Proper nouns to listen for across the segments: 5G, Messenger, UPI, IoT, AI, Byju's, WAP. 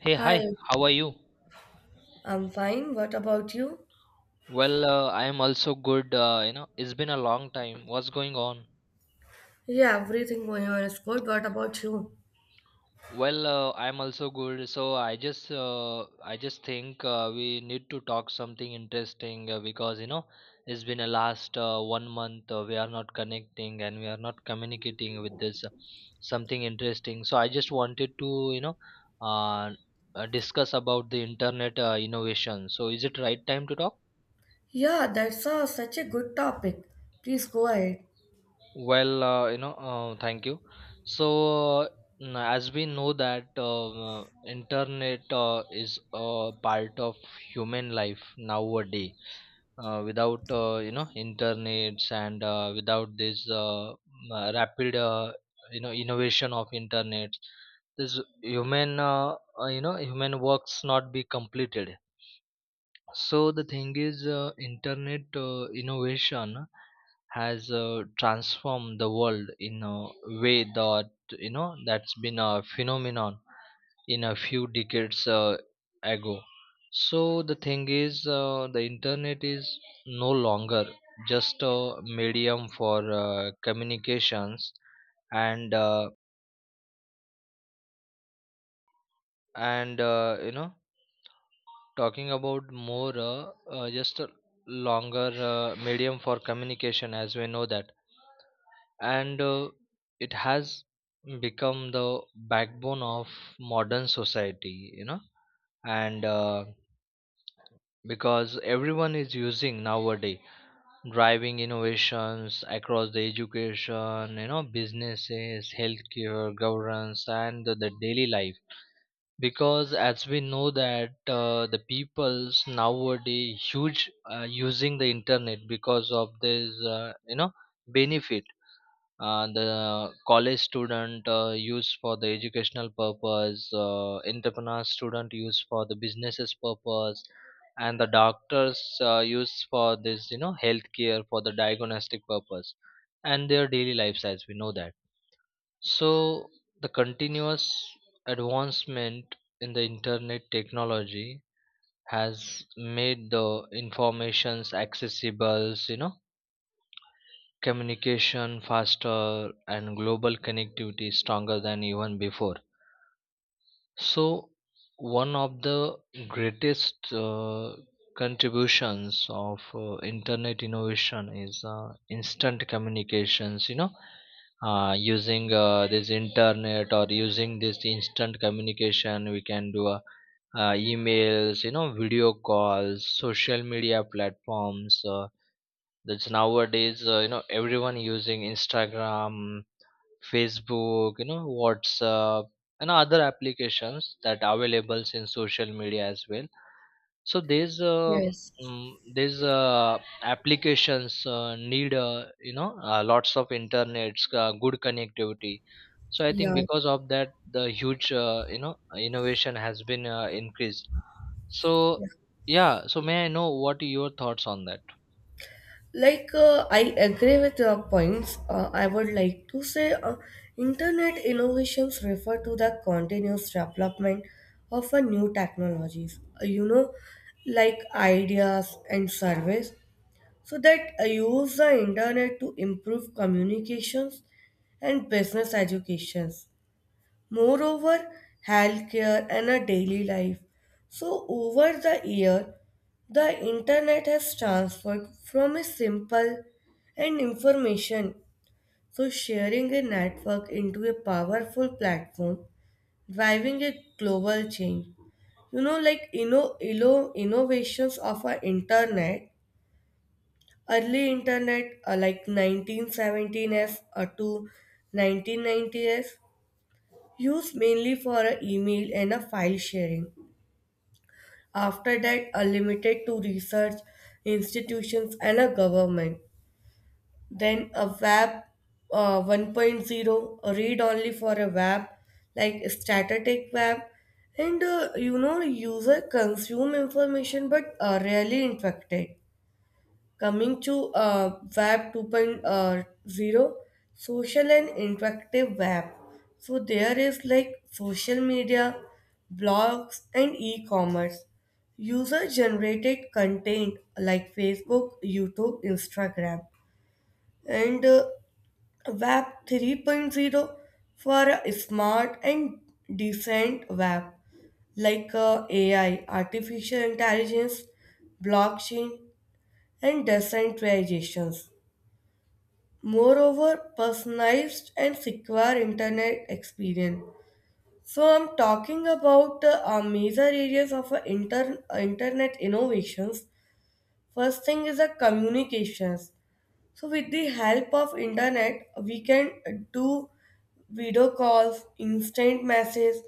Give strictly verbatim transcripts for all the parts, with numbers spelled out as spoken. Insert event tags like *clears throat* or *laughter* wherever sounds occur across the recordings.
Hey, Hi, hi, how are you? I'm fine. What about you? Well, uh, I am also good. Uh, you know, it's been a long time. What's going on? Yeah, everything going on is good. What about you? Well, uh, I am also good. So I just, uh, I just think uh, we need to talk something interesting uh, because you know, it's been a last uh, one month uh, we are not connecting and we are not communicating with this uh, something interesting. So I just wanted to, you know, uh, uh, discuss about the internet uh, innovation. So is it right time to talk? Yeah, that's a, such a good topic. Please go ahead. Well, uh, you know, uh, thank you. So, uh, n- as we know that um, uh, internet uh, is a part of human life nowadays. Uh, without uh, you know internets and uh, without this uh, m- uh, rapid uh, you know innovation of internet, this human uh, uh, you know human works not be completed. So the thing is, uh, internet uh, innovation has uh, transformed the world in a way that you know that's been a phenomenon in a few decades uh, ago. So the thing is, uh, the internet is no longer just a medium for uh, communications and uh, and uh, you know talking about more uh, uh, just a longer uh, medium for communication, as we know that, and uh, it has become the backbone of modern society, you know and, uh, because everyone is using nowadays, driving innovations across the education, you know businesses, healthcare, governance, and the, the daily life, because as we know that, uh, the people's nowadays huge uh, using the internet because of this uh, you know benefit. Uh, the college student uh, use for the educational purpose. Uh, entrepreneur student use for the businesses purpose, and the doctors uh, use for this you know healthcare for the diagnostic purpose, and their daily lives, as we know that. So, the continuous advancement in the internet technology has made the informations accessible, you know, communication faster and global connectivity stronger than even before. So, one of the greatest uh, contributions of uh, internet innovation is uh, instant communications. You know, uh, using uh, this internet or using this instant communication, we can do uh, uh, emails, you know, video calls, social media platforms. Uh, that's nowadays, uh, you know, everyone using Instagram, Facebook, you know, WhatsApp, and other applications that available in social media as well. So these uh, Yes. mm, these uh, applications uh, need uh, you know uh, lots of internet, uh, good connectivity. So I think Yeah. because of that, the huge uh, you know innovation has been uh, increased. So yeah. yeah, so may I know what your thoughts on that? Like uh, I agree with your points. Uh, I would like to say uh, internet innovations refer to the continuous development of a new technologies. Uh, you know, like ideas and service so that I use the internet to improve communications and business educations. Moreover, healthcare and a daily life. So over the year, the internet has transformed from a simple and information, so sharing a network into a powerful platform, driving a global change. You know, like you know, innovations of our internet. Early internet, uh, like nineteen seventeens or to nineteen nineties, used mainly for a email and a file sharing. After that, are limited to research institutions and a government. Then a web uh, 1.0, a read only for a web, like static web, and uh, you know user consume information but are rarely interacted. Coming to uh, Web 2.0, social and interactive web. So there is like social media, blogs, and e-commerce. User-generated content like Facebook, YouTube, Instagram, and uh, Web 3.0 for a smart and decent web like uh, A I, artificial intelligence, blockchain, and decentralizations, moreover personalized and secure internet experience. So I'm talking about uh, uh, major areas of uh, inter- uh, internet innovations. First thing is the communications. So with the help of internet we can uh, do video calls, instant message,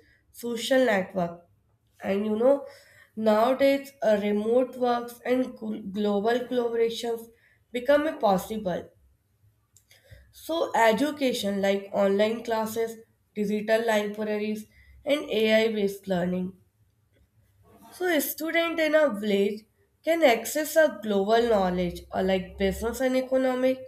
social network, and you know nowadays uh, remote works and gl- global collaborations become a possible. So, education like online classes, digital libraries, and A I based learning. So, a student in a village can access a global knowledge uh, like business and economic.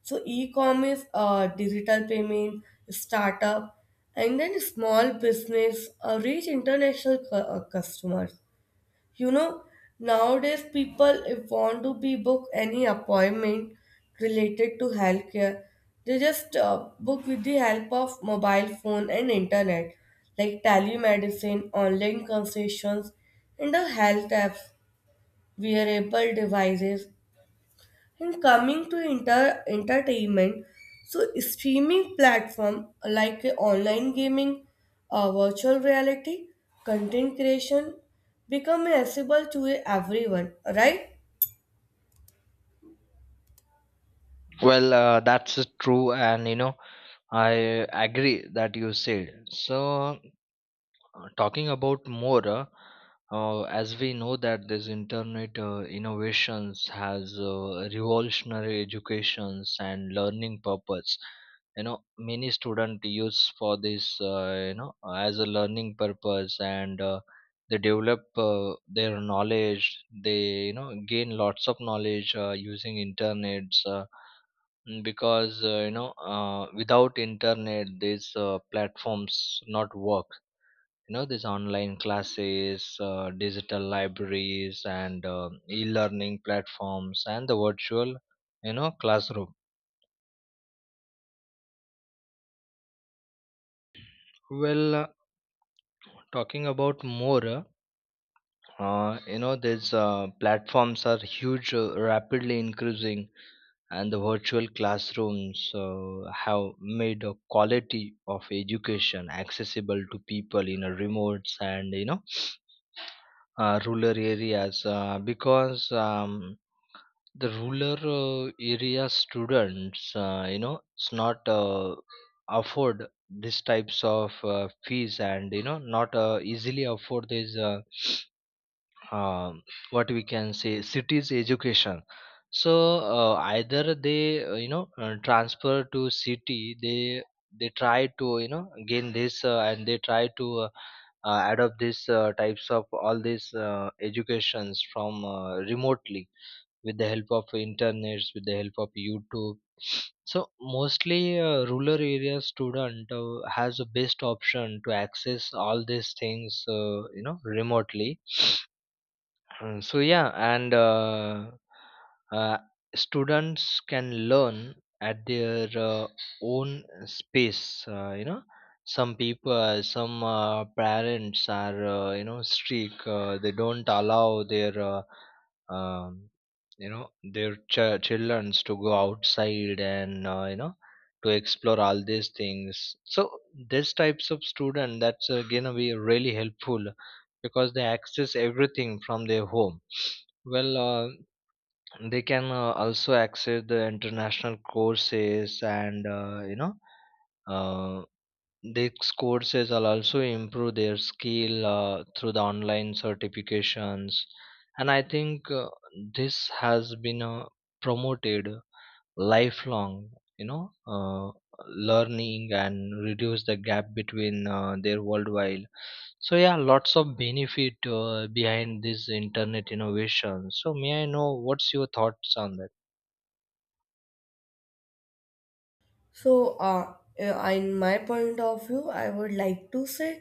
So, e commerce, uh, digital payment, startup, and then small business uh, reach international cu- uh, customers. You know, nowadays people if want to be book any appointment related to healthcare, they just uh, book with the help of mobile phone and internet, like telemedicine, online consultations, and the health apps, wearable devices, and coming to inter- entertainment, so streaming platform like uh, online gaming, uh, virtual reality, content creation become accessible to everyone, right? Well, uh, that's true, and you know I agree that you said so. Uh, talking about more, uh, uh, as we know that this internet uh, innovations has uh, revolutionary educations and learning purpose. You know many student use for this, uh, you know as a learning purpose, and uh, they develop uh, their knowledge. They you know gain lots of knowledge uh, using internets uh, Mm, because uh, you know uh, without internet these uh, platforms not work. You know these online classes, uh, digital libraries and uh, e-learning platforms and the virtual, you know classroom. Well, uh, talking about more, uh, uh, you know these uh, platforms are huge, uh, rapidly increasing. And the virtual classrooms uh, have made a quality of education accessible to people in a remote and, you know uh, rural areas, uh, because um, the rural uh, area students, uh, you know it's not uh, afford these types of uh, fees, and you know not uh, easily afford these uh, *sniffs* um what we can say cities education. So uh, either they uh, you know uh, transfer to city. They they try to you know gain this, uh, and they try to uh, uh, adopt these uh, types of all these uh, educations from uh, remotely, with the help of internets, with the help of YouTube. So mostly, uh, rural area student uh, has the best option to access all these things, uh, you know remotely Mm, so yeah and uh, uh, Students can learn at their uh, own space. uh, you know some people some uh, parents are uh, you know strict, uh, they don't allow their uh, um, you know their ch- childrens to go outside, and uh, you know to explore all these things. So these types of student, that's uh, gonna be really helpful, because they access everything from their home. Well, uh, they can uh, also access the international courses, and uh, you know uh, these courses will also improve their skill uh, through the online certifications. And I think uh, this has been uh, promoted lifelong, you know, uh, learning, and reduce the gap between uh, their worldwide. So yeah, lots of benefit uh, behind this internet innovation. So may I know what's your thoughts on that? So, uh, uh, in my point of view, I would like to say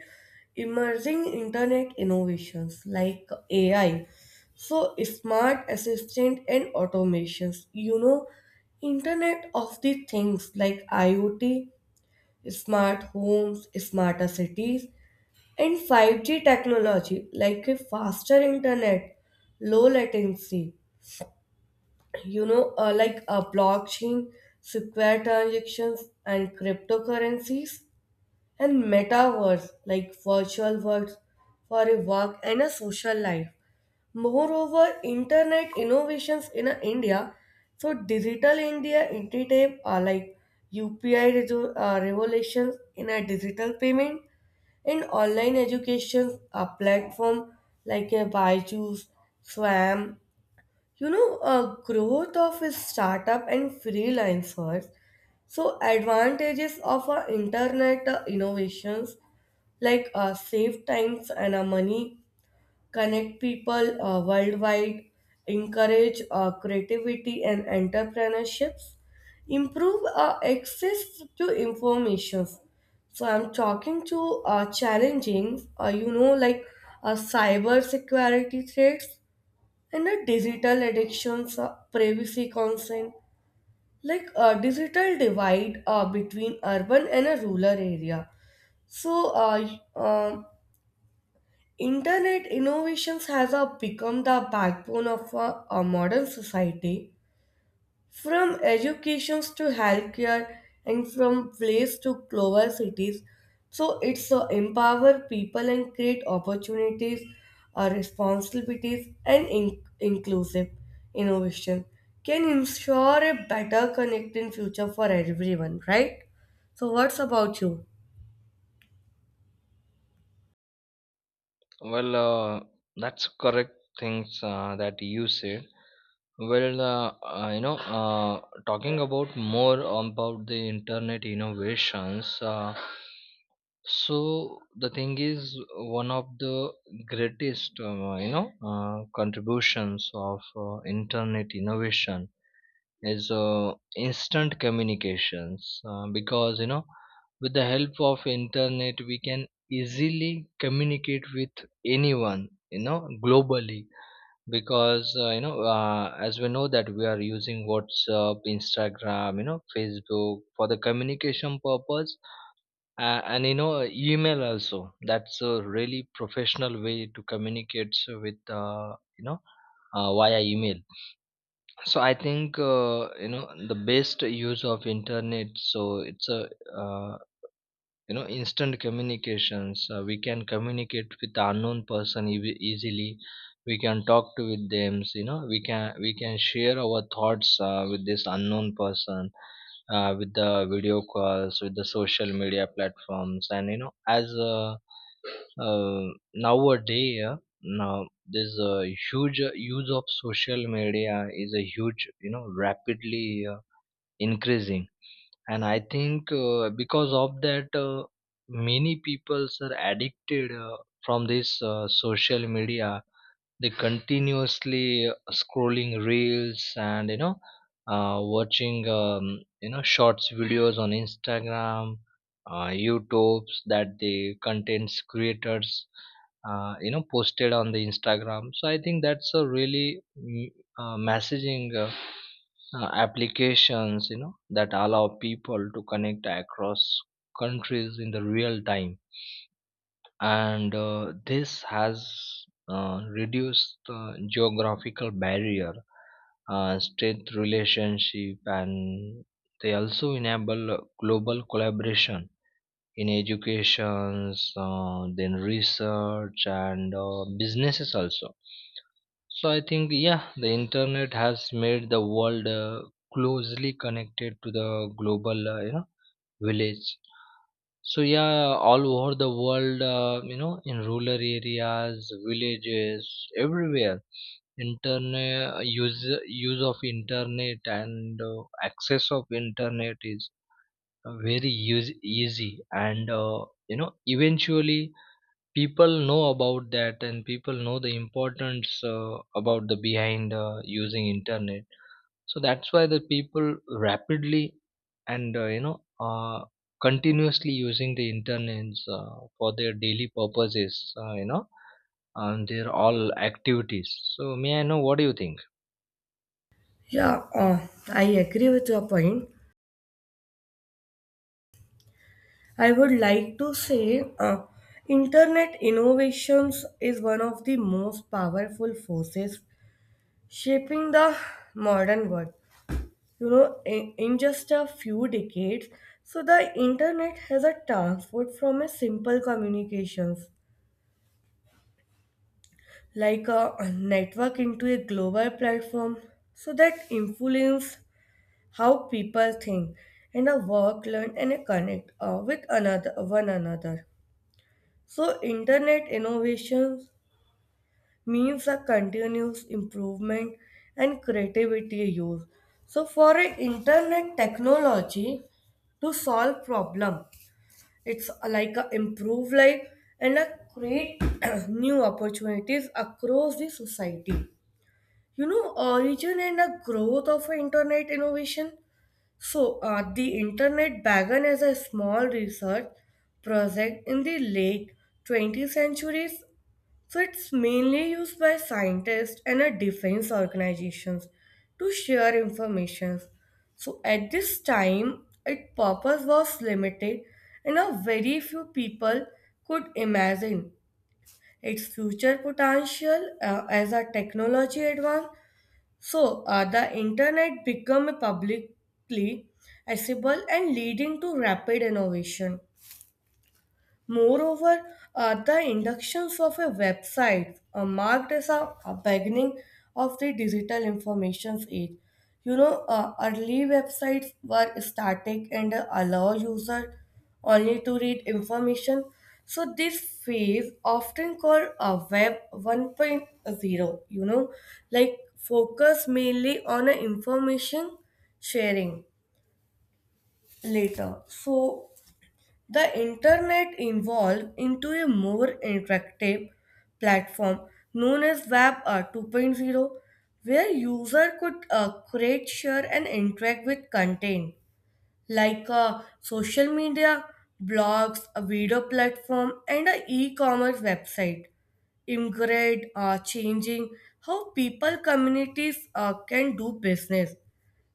emerging internet innovations like A I, so smart assistant and automations. You know, Internet of the Things like IoT, smart homes, smarter cities, and five G technology like a faster internet, low latency, you know, uh, like a blockchain, secure transactions, and cryptocurrencies, and metaverse like virtual worlds for a work and a social life. Moreover, internet innovations in uh, India, so digital India initiative are like U P I, rezo- uh, revolutions in a digital payment and online education a platform like a Byju's, Swam, you know, a growth of a startup and freelancers. So advantages of our internet uh, innovations like uh, save times and uh, money, connect people uh, worldwide, encourage uh, creativity and entrepreneurships, improve uh, access to information. So I'm talking to uh, challenging, uh, you know, like uh, cyber security threats and uh, digital addictions, uh, privacy concern, like a digital divide uh, between urban and a rural area. So, uh, y- um Internet innovations has uh, become the backbone of uh, a modern society. From educations to healthcare and from place to global cities. So it's uh, empower people and create opportunities, uh, responsibilities and in- inclusive innovation can ensure a better connecting future for everyone, right? So what's about you? Well, uh, that's correct things uh, that you said. Well, uh, uh, you know, uh, talking about more about the internet innovations. Uh, so the thing is, one of the greatest, uh, you know, uh, contributions of uh, internet innovation is uh, instant communications, uh, because, you know with the help of internet we can easily communicate with anyone, you know globally, because, uh, you know uh, as we know that we are using WhatsApp, Instagram, you know Facebook for the communication purpose. Uh, and you know email also, that's a really professional way to communicate with, uh, you know uh, via email. So I think, uh, you know the best use of internet, so it's a, uh, you know instant communications. Uh, we can communicate with the unknown person ev- easily. We can talk to with them, you know we can we can share our thoughts uh, with this unknown person, uh, with the video calls, with the social media platforms. And you know as uh, uh, nowadays uh, now there's a huge uh, use of social media, is a huge, you know rapidly uh, increasing. And I think uh, because of that, uh, many people are addicted uh, from this uh, social media. They continuously uh, scrolling reels and, you know uh, watching um, you know shorts videos on Instagram, uh, YouTubes that the contents creators uh, you know posted on the Instagram. So I think that's a really mm, uh, messaging, uh, uh, applications you know that allow people to connect across countries in the real time. And uh, this has uh, reduced the geographical barrier, uh, strength relationship, and they also enable uh, global collaboration in educations, uh, then research and uh, businesses also. So I think yeah, the internet has made the world uh, closely connected to the global, uh, you know village. So yeah, all over the world, uh, you know, in rural areas, villages, everywhere, internet use use of internet and uh, access of internet is very use, easy, and uh, you know, eventually people know about that, and people know the importance uh, about the behind uh, using internet. So that's why the people rapidly, and uh, you know uh, continuously using the internet uh, for their daily purposes, uh, you know and their all activities. So may I know what do you think? Yeah, uh, I agree with your point. I would like to say uh, internet innovations is one of the most powerful forces shaping the modern world. You know, in, in just a few decades, so the internet has a transformed from a simple communications like a a network into a global platform so that influence how people think and a work, learn and a connect uh, with another one another. So internet innovations means a continuous improvement and creativity use. So for an internet technology to solve problem, it's like a improve life and a create *clears throat* new opportunities across the society. You know origin and the growth of a internet innovation. So uh, the internet began as a small research project in the late twentieth centuries so it's mainly used by scientists and uh, defense organizations to share information. So at this time, its purpose was limited and a very few people could imagine its future potential uh, as a technology advance. So uh, the internet became publicly accessible and leading to rapid innovation. Moreover, uh, the inductions of a website uh, marked as a, a beginning of the digital information age. You know, uh, early websites were static and uh, allow user only to read information. So this phase often called a web 1.0, you know, like focus mainly on uh, information sharing later. So the internet evolved into a more interactive platform known as Web uh, 2.0, where users could uh, create, share, and interact with content like uh, social media, blogs, a video platform, and an e-commerce website. Immigrate, uh, changing how people communities uh, can do business,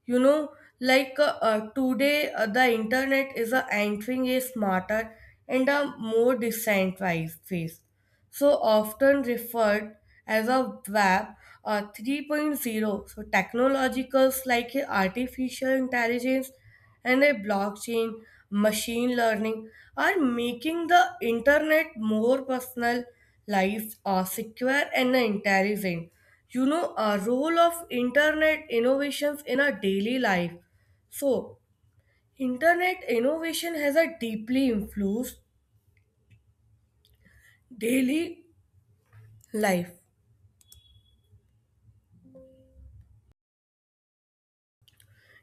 you know, like uh, uh, today uh, the internet is uh, entering a smarter and a more decentralized phase so often referred as a W A P or 3.0. So technologicals like a artificial intelligence and a blockchain, machine learning are making the internet more personal, lives are secure and intelligent. You know, a role of internet innovations in our daily life. So, internet innovation has a deeply influenced daily life.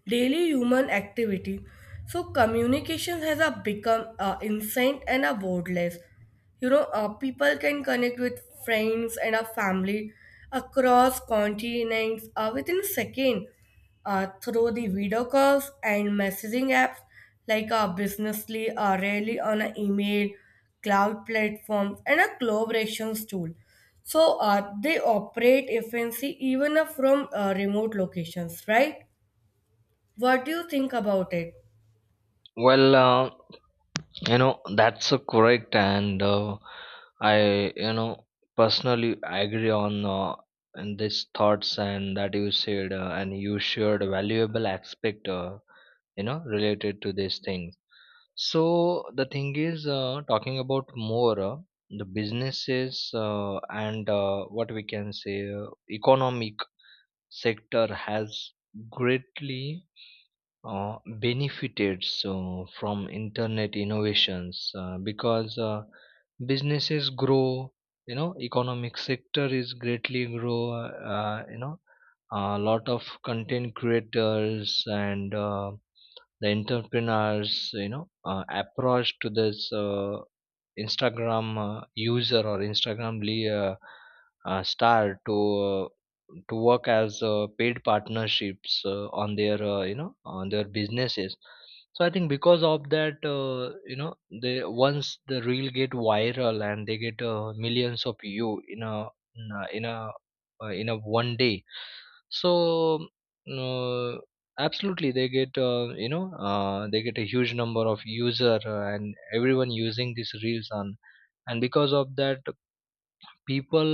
Daily human activity. So communication has a become uh, instant and a wordless. You know, uh, people can connect with friends and a family across continents uh, within a second uh, through the video calls and messaging apps like uh, Businessly, uh, rarely on an email, cloud platforms, and a collaborations tool. So uh, they operate efficiently even uh, from uh, remote locations, right? What do you think about it? Well, uh, you know that's uh, correct, and uh, I, you know personally agree on, uh, and these thoughts and that you said, uh, and you shared a valuable aspect, uh, you know related to these things. So the thing is, uh, talking about more, uh, the businesses uh, and, uh, what we can say, uh, economic sector has greatly uh, benefited, so from internet innovations, uh, because uh, businesses grow. You know, economic sector is greatly grow. Uh, you know, a lot of content creators and uh, the entrepreneurs you know uh, approach to this uh, Instagram uh, user or Instagram le- uh, uh, star to, uh, to work as uh, paid partnerships uh, on their, uh, you know on their businesses. So I think because of that, uh, you know they, once the reel get viral and they get uh, millions of you in a in a in a, uh, in a one day. So uh, absolutely, they get uh, you know uh, they get a huge number of user, uh, and everyone using these reels on, and because of that, people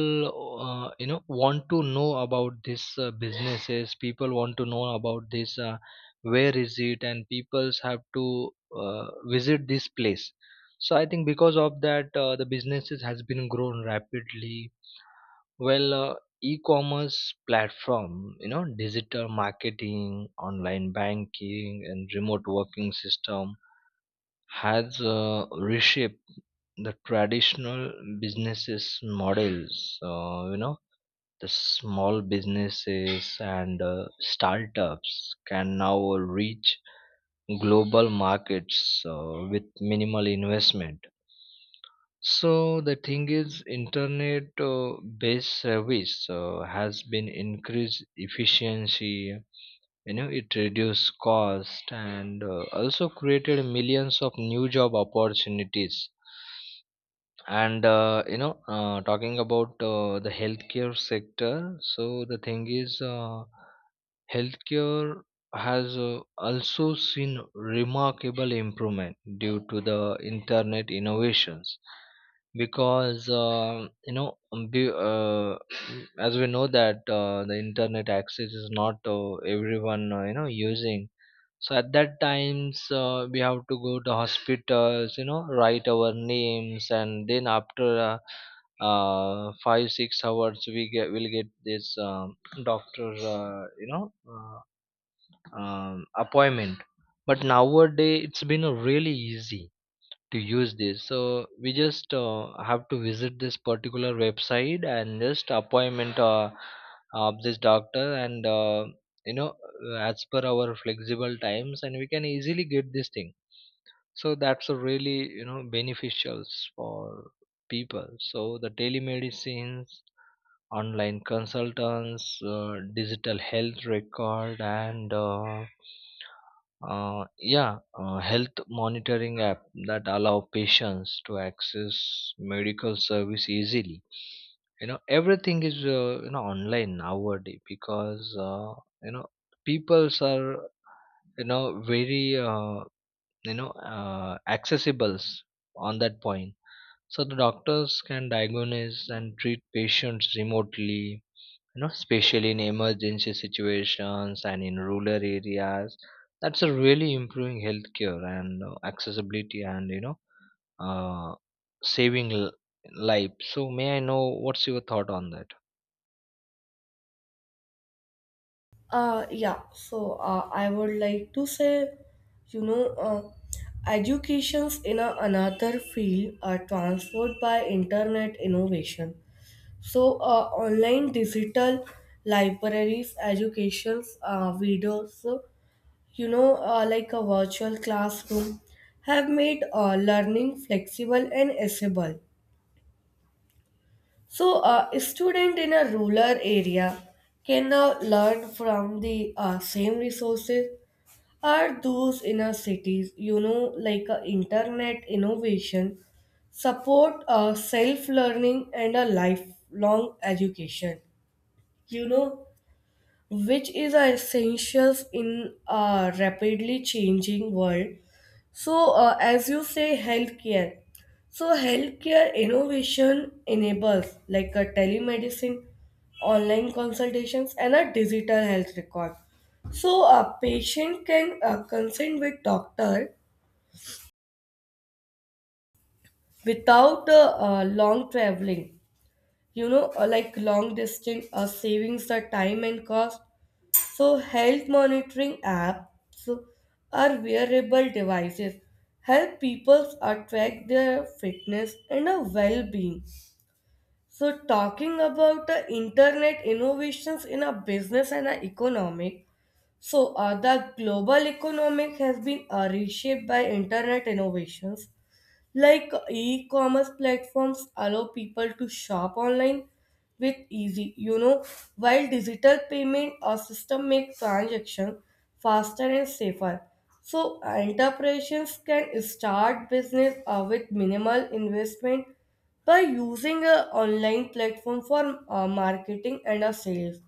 uh, you know want to know about this uh, businesses. People want to know about this. Uh, where is it? And people's have to uh, visit this place. So I think because of that, uh, the businesses has been grown rapidly. Well, uh, e-commerce platform, you know, digital marketing, online banking, and remote working system has uh, reshaped the traditional businesses models. Uh, you know, the small businesses and uh, startups can now reach global markets uh, with minimal investment. So the thing is, internet uh, based service uh, has been increased efficiency. You know, it reduced cost and uh, also created millions of new job opportunities. And uh, you know, uh, talking about uh, the healthcare sector. So the thing is. Uh, healthcare has uh, also seen remarkable improvement due to the internet innovations, because uh, you know um, be- uh, as we know that uh, the internet access is not uh, everyone uh, you know using. So at that times, uh, we have to go to hospitals, you know, write our names, and then after uh, uh, five six hours we get will get this um, doctor, uh, you know, uh, um, appointment. But nowadays it's been really easy to use this, so we just uh, have to visit this particular website and just appointment uh, of this doctor and, uh, you know uh, as per our flexible times, and we can easily get this thing. So that's a really, you know beneficials for people. So the telemedicines, online consultants, uh, digital health record, and uh, uh, yeah, uh, health monitoring app that allow patients to access medical service easily. You know, everything is uh, you know online nowadays, because uh, you know peoples are, you know very uh, you know uh, accessibles on that point. So the doctors can diagnose and treat patients remotely, you know especially in emergency situations and in rural areas. That's a really improving healthcare and uh, accessibility, and you know uh, saving l- life. So may I know what's your thought on that? Uh, yeah, so uh, I would like to say, you know, uh, educations in a, another field are transformed by internet innovation. So, uh, online digital libraries, educations, uh, videos, you know, uh, like a virtual classroom, have made uh, learning flexible and accessible. So, uh, a student in a rural area can now learn from the uh, same resources are those in a cities, you know, like uh, internet innovation, support uh, self learning, and a lifelong education, you know, which is uh, essential in a rapidly changing world. So, uh, as you say, healthcare. So, healthcare innovation enables like a telemedicine, online consultations, and a digital health record. So, a patient can uh, consult with doctor without uh, uh, long traveling. You know, uh, like long distance, uh, savings the time and cost. So, health monitoring apps are wearable devices help people uh, track their fitness and a well-being. So, talking about the internet innovations in a business and a economic. So, uh, the global economic has been uh, reshaped by internet innovations like e-commerce platforms allow people to shop online with easy, you know, while digital payment or system make transaction faster and safer. So enterprises can start business uh, with minimal investment by using a online platform for uh, marketing and uh, sales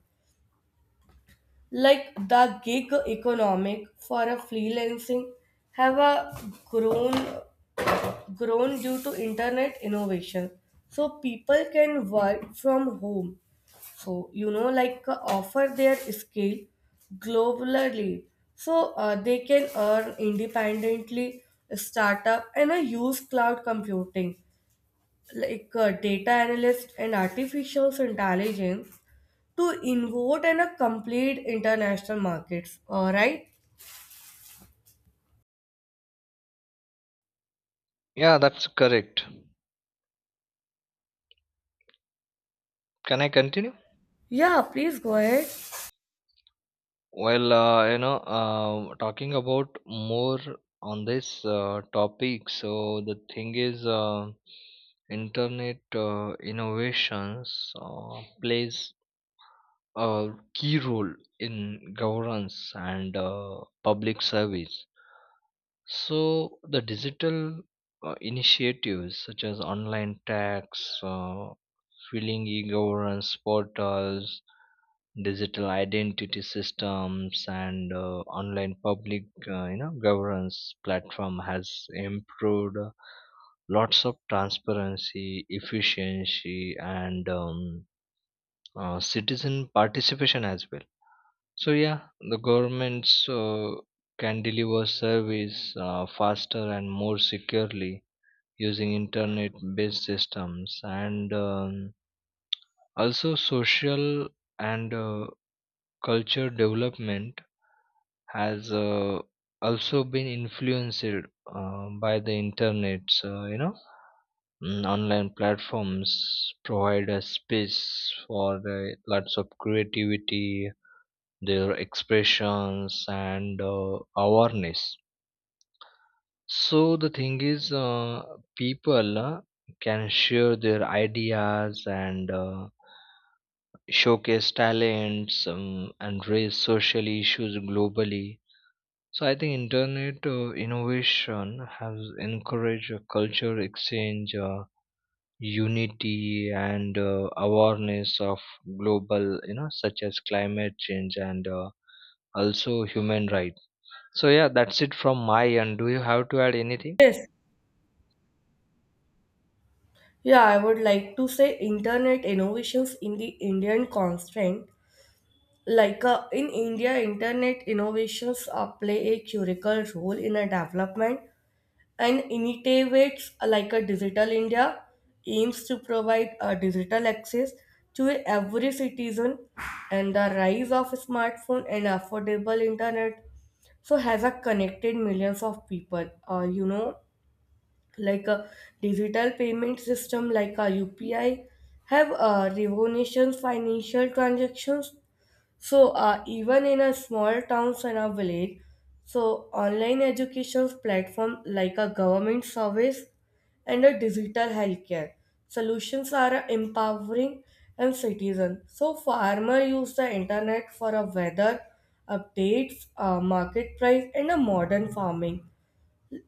like the gig economic for a freelancing have a grown grown due to internet innovation, so people can work from home, so you know like uh, offer their skill globally, so uh, they can earn independently, start up and uh, use cloud computing like uh, data analyst and artificial intelligence to innovate and uh, complete international markets, all right. Yeah, that's correct. Can I continue? Yeah, please go ahead. Well, uh, you know uh, talking about more on this uh, topic. So the thing is, uh, internet uh, innovations uh, plays a key role in governance and uh, public service. So, the digital uh, initiatives such as online tax, uh, filling e governance portals, digital identity systems, and uh, online public, uh, you know, governance platform has improved lots of transparency, efficiency, and um, uh, citizen participation as well. So yeah, the governments uh, can deliver service uh, faster and more securely using internet-based systems, and um, also social and uh, culture development has uh, also been influenced uh, by the internet. So, you know, Mm, online platforms provide a space for uh, lots of creativity, their expressions and uh, awareness. So the thing is, uh, people uh, can share their ideas and uh, showcase talents, um, and raise social issues globally. So I think internet uh, innovation has encouraged a culture exchange, uh, unity and uh, awareness of global, you know such as climate change and uh, also human rights. So yeah, that's it from my end. Do you have to add anything? Yes. Yeah, I would like to say internet innovations in the Indian constraint. Like uh, in India, internet innovations uh, play a critical role in a development and initiatives uh, like a digital India aims to provide a digital access to every citizen, and the rise of smartphone and affordable internet so has a connected millions of people, uh, you know, like a digital payment system like a U P I have uh, revolutionized financial transactions. So uh, even in a small towns and a village, so online education platform like a government service and a digital healthcare solutions are empowering and citizen. So farmer use the internet for a weather updates, uh, market price, and a modern farming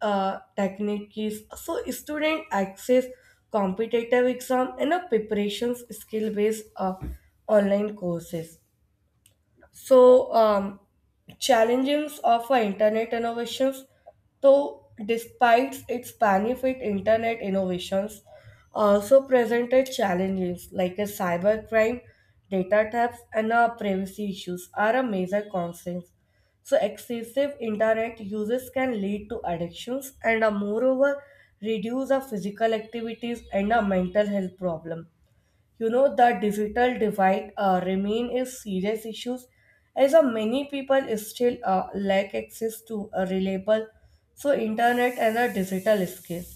uh, techniques. So student access competitive exam and a preparations skill based uh, online courses. So, um, challenges of a internet innovations. Though, despite its benefit, internet innovations also presented challenges like a cybercrime, data thefts, and uh, privacy issues are a major concerns. So, excessive internet uses can lead to addictions and, uh, moreover, reduce the physical activities and a mental health problem. You know the digital divide uh, remain a serious issues as uh, many people still uh, lack access to a reliable so internet and a digital skills.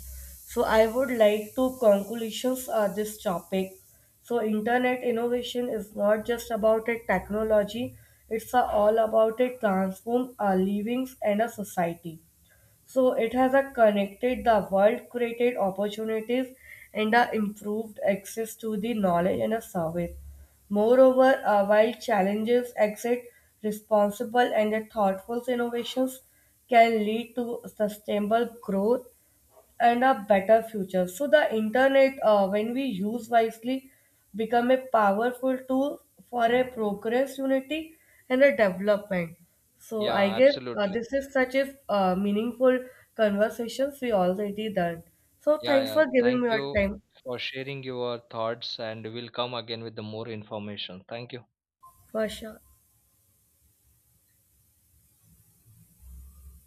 So I would like to conclusions uh, this topic. So internet innovation is not just about a technology, it's uh, all about a transform our livings and a society. So it has a connected the world, created opportunities, and a improved access to the knowledge and a service. Moreover, uh, while challenges exist, responsible and thoughtful innovations can lead to sustainable growth and a better future. So the internet, uh, when we use wisely, become a powerful tool for a progress, unity, and a development. So I Yeah, guess uh, absolutely. this is such a uh, meaningful conversations we already done. So Yeah, thanks yeah. for giving Thank me your you time for sharing your thoughts, and we'll come again with the more information. Thank you. for sure.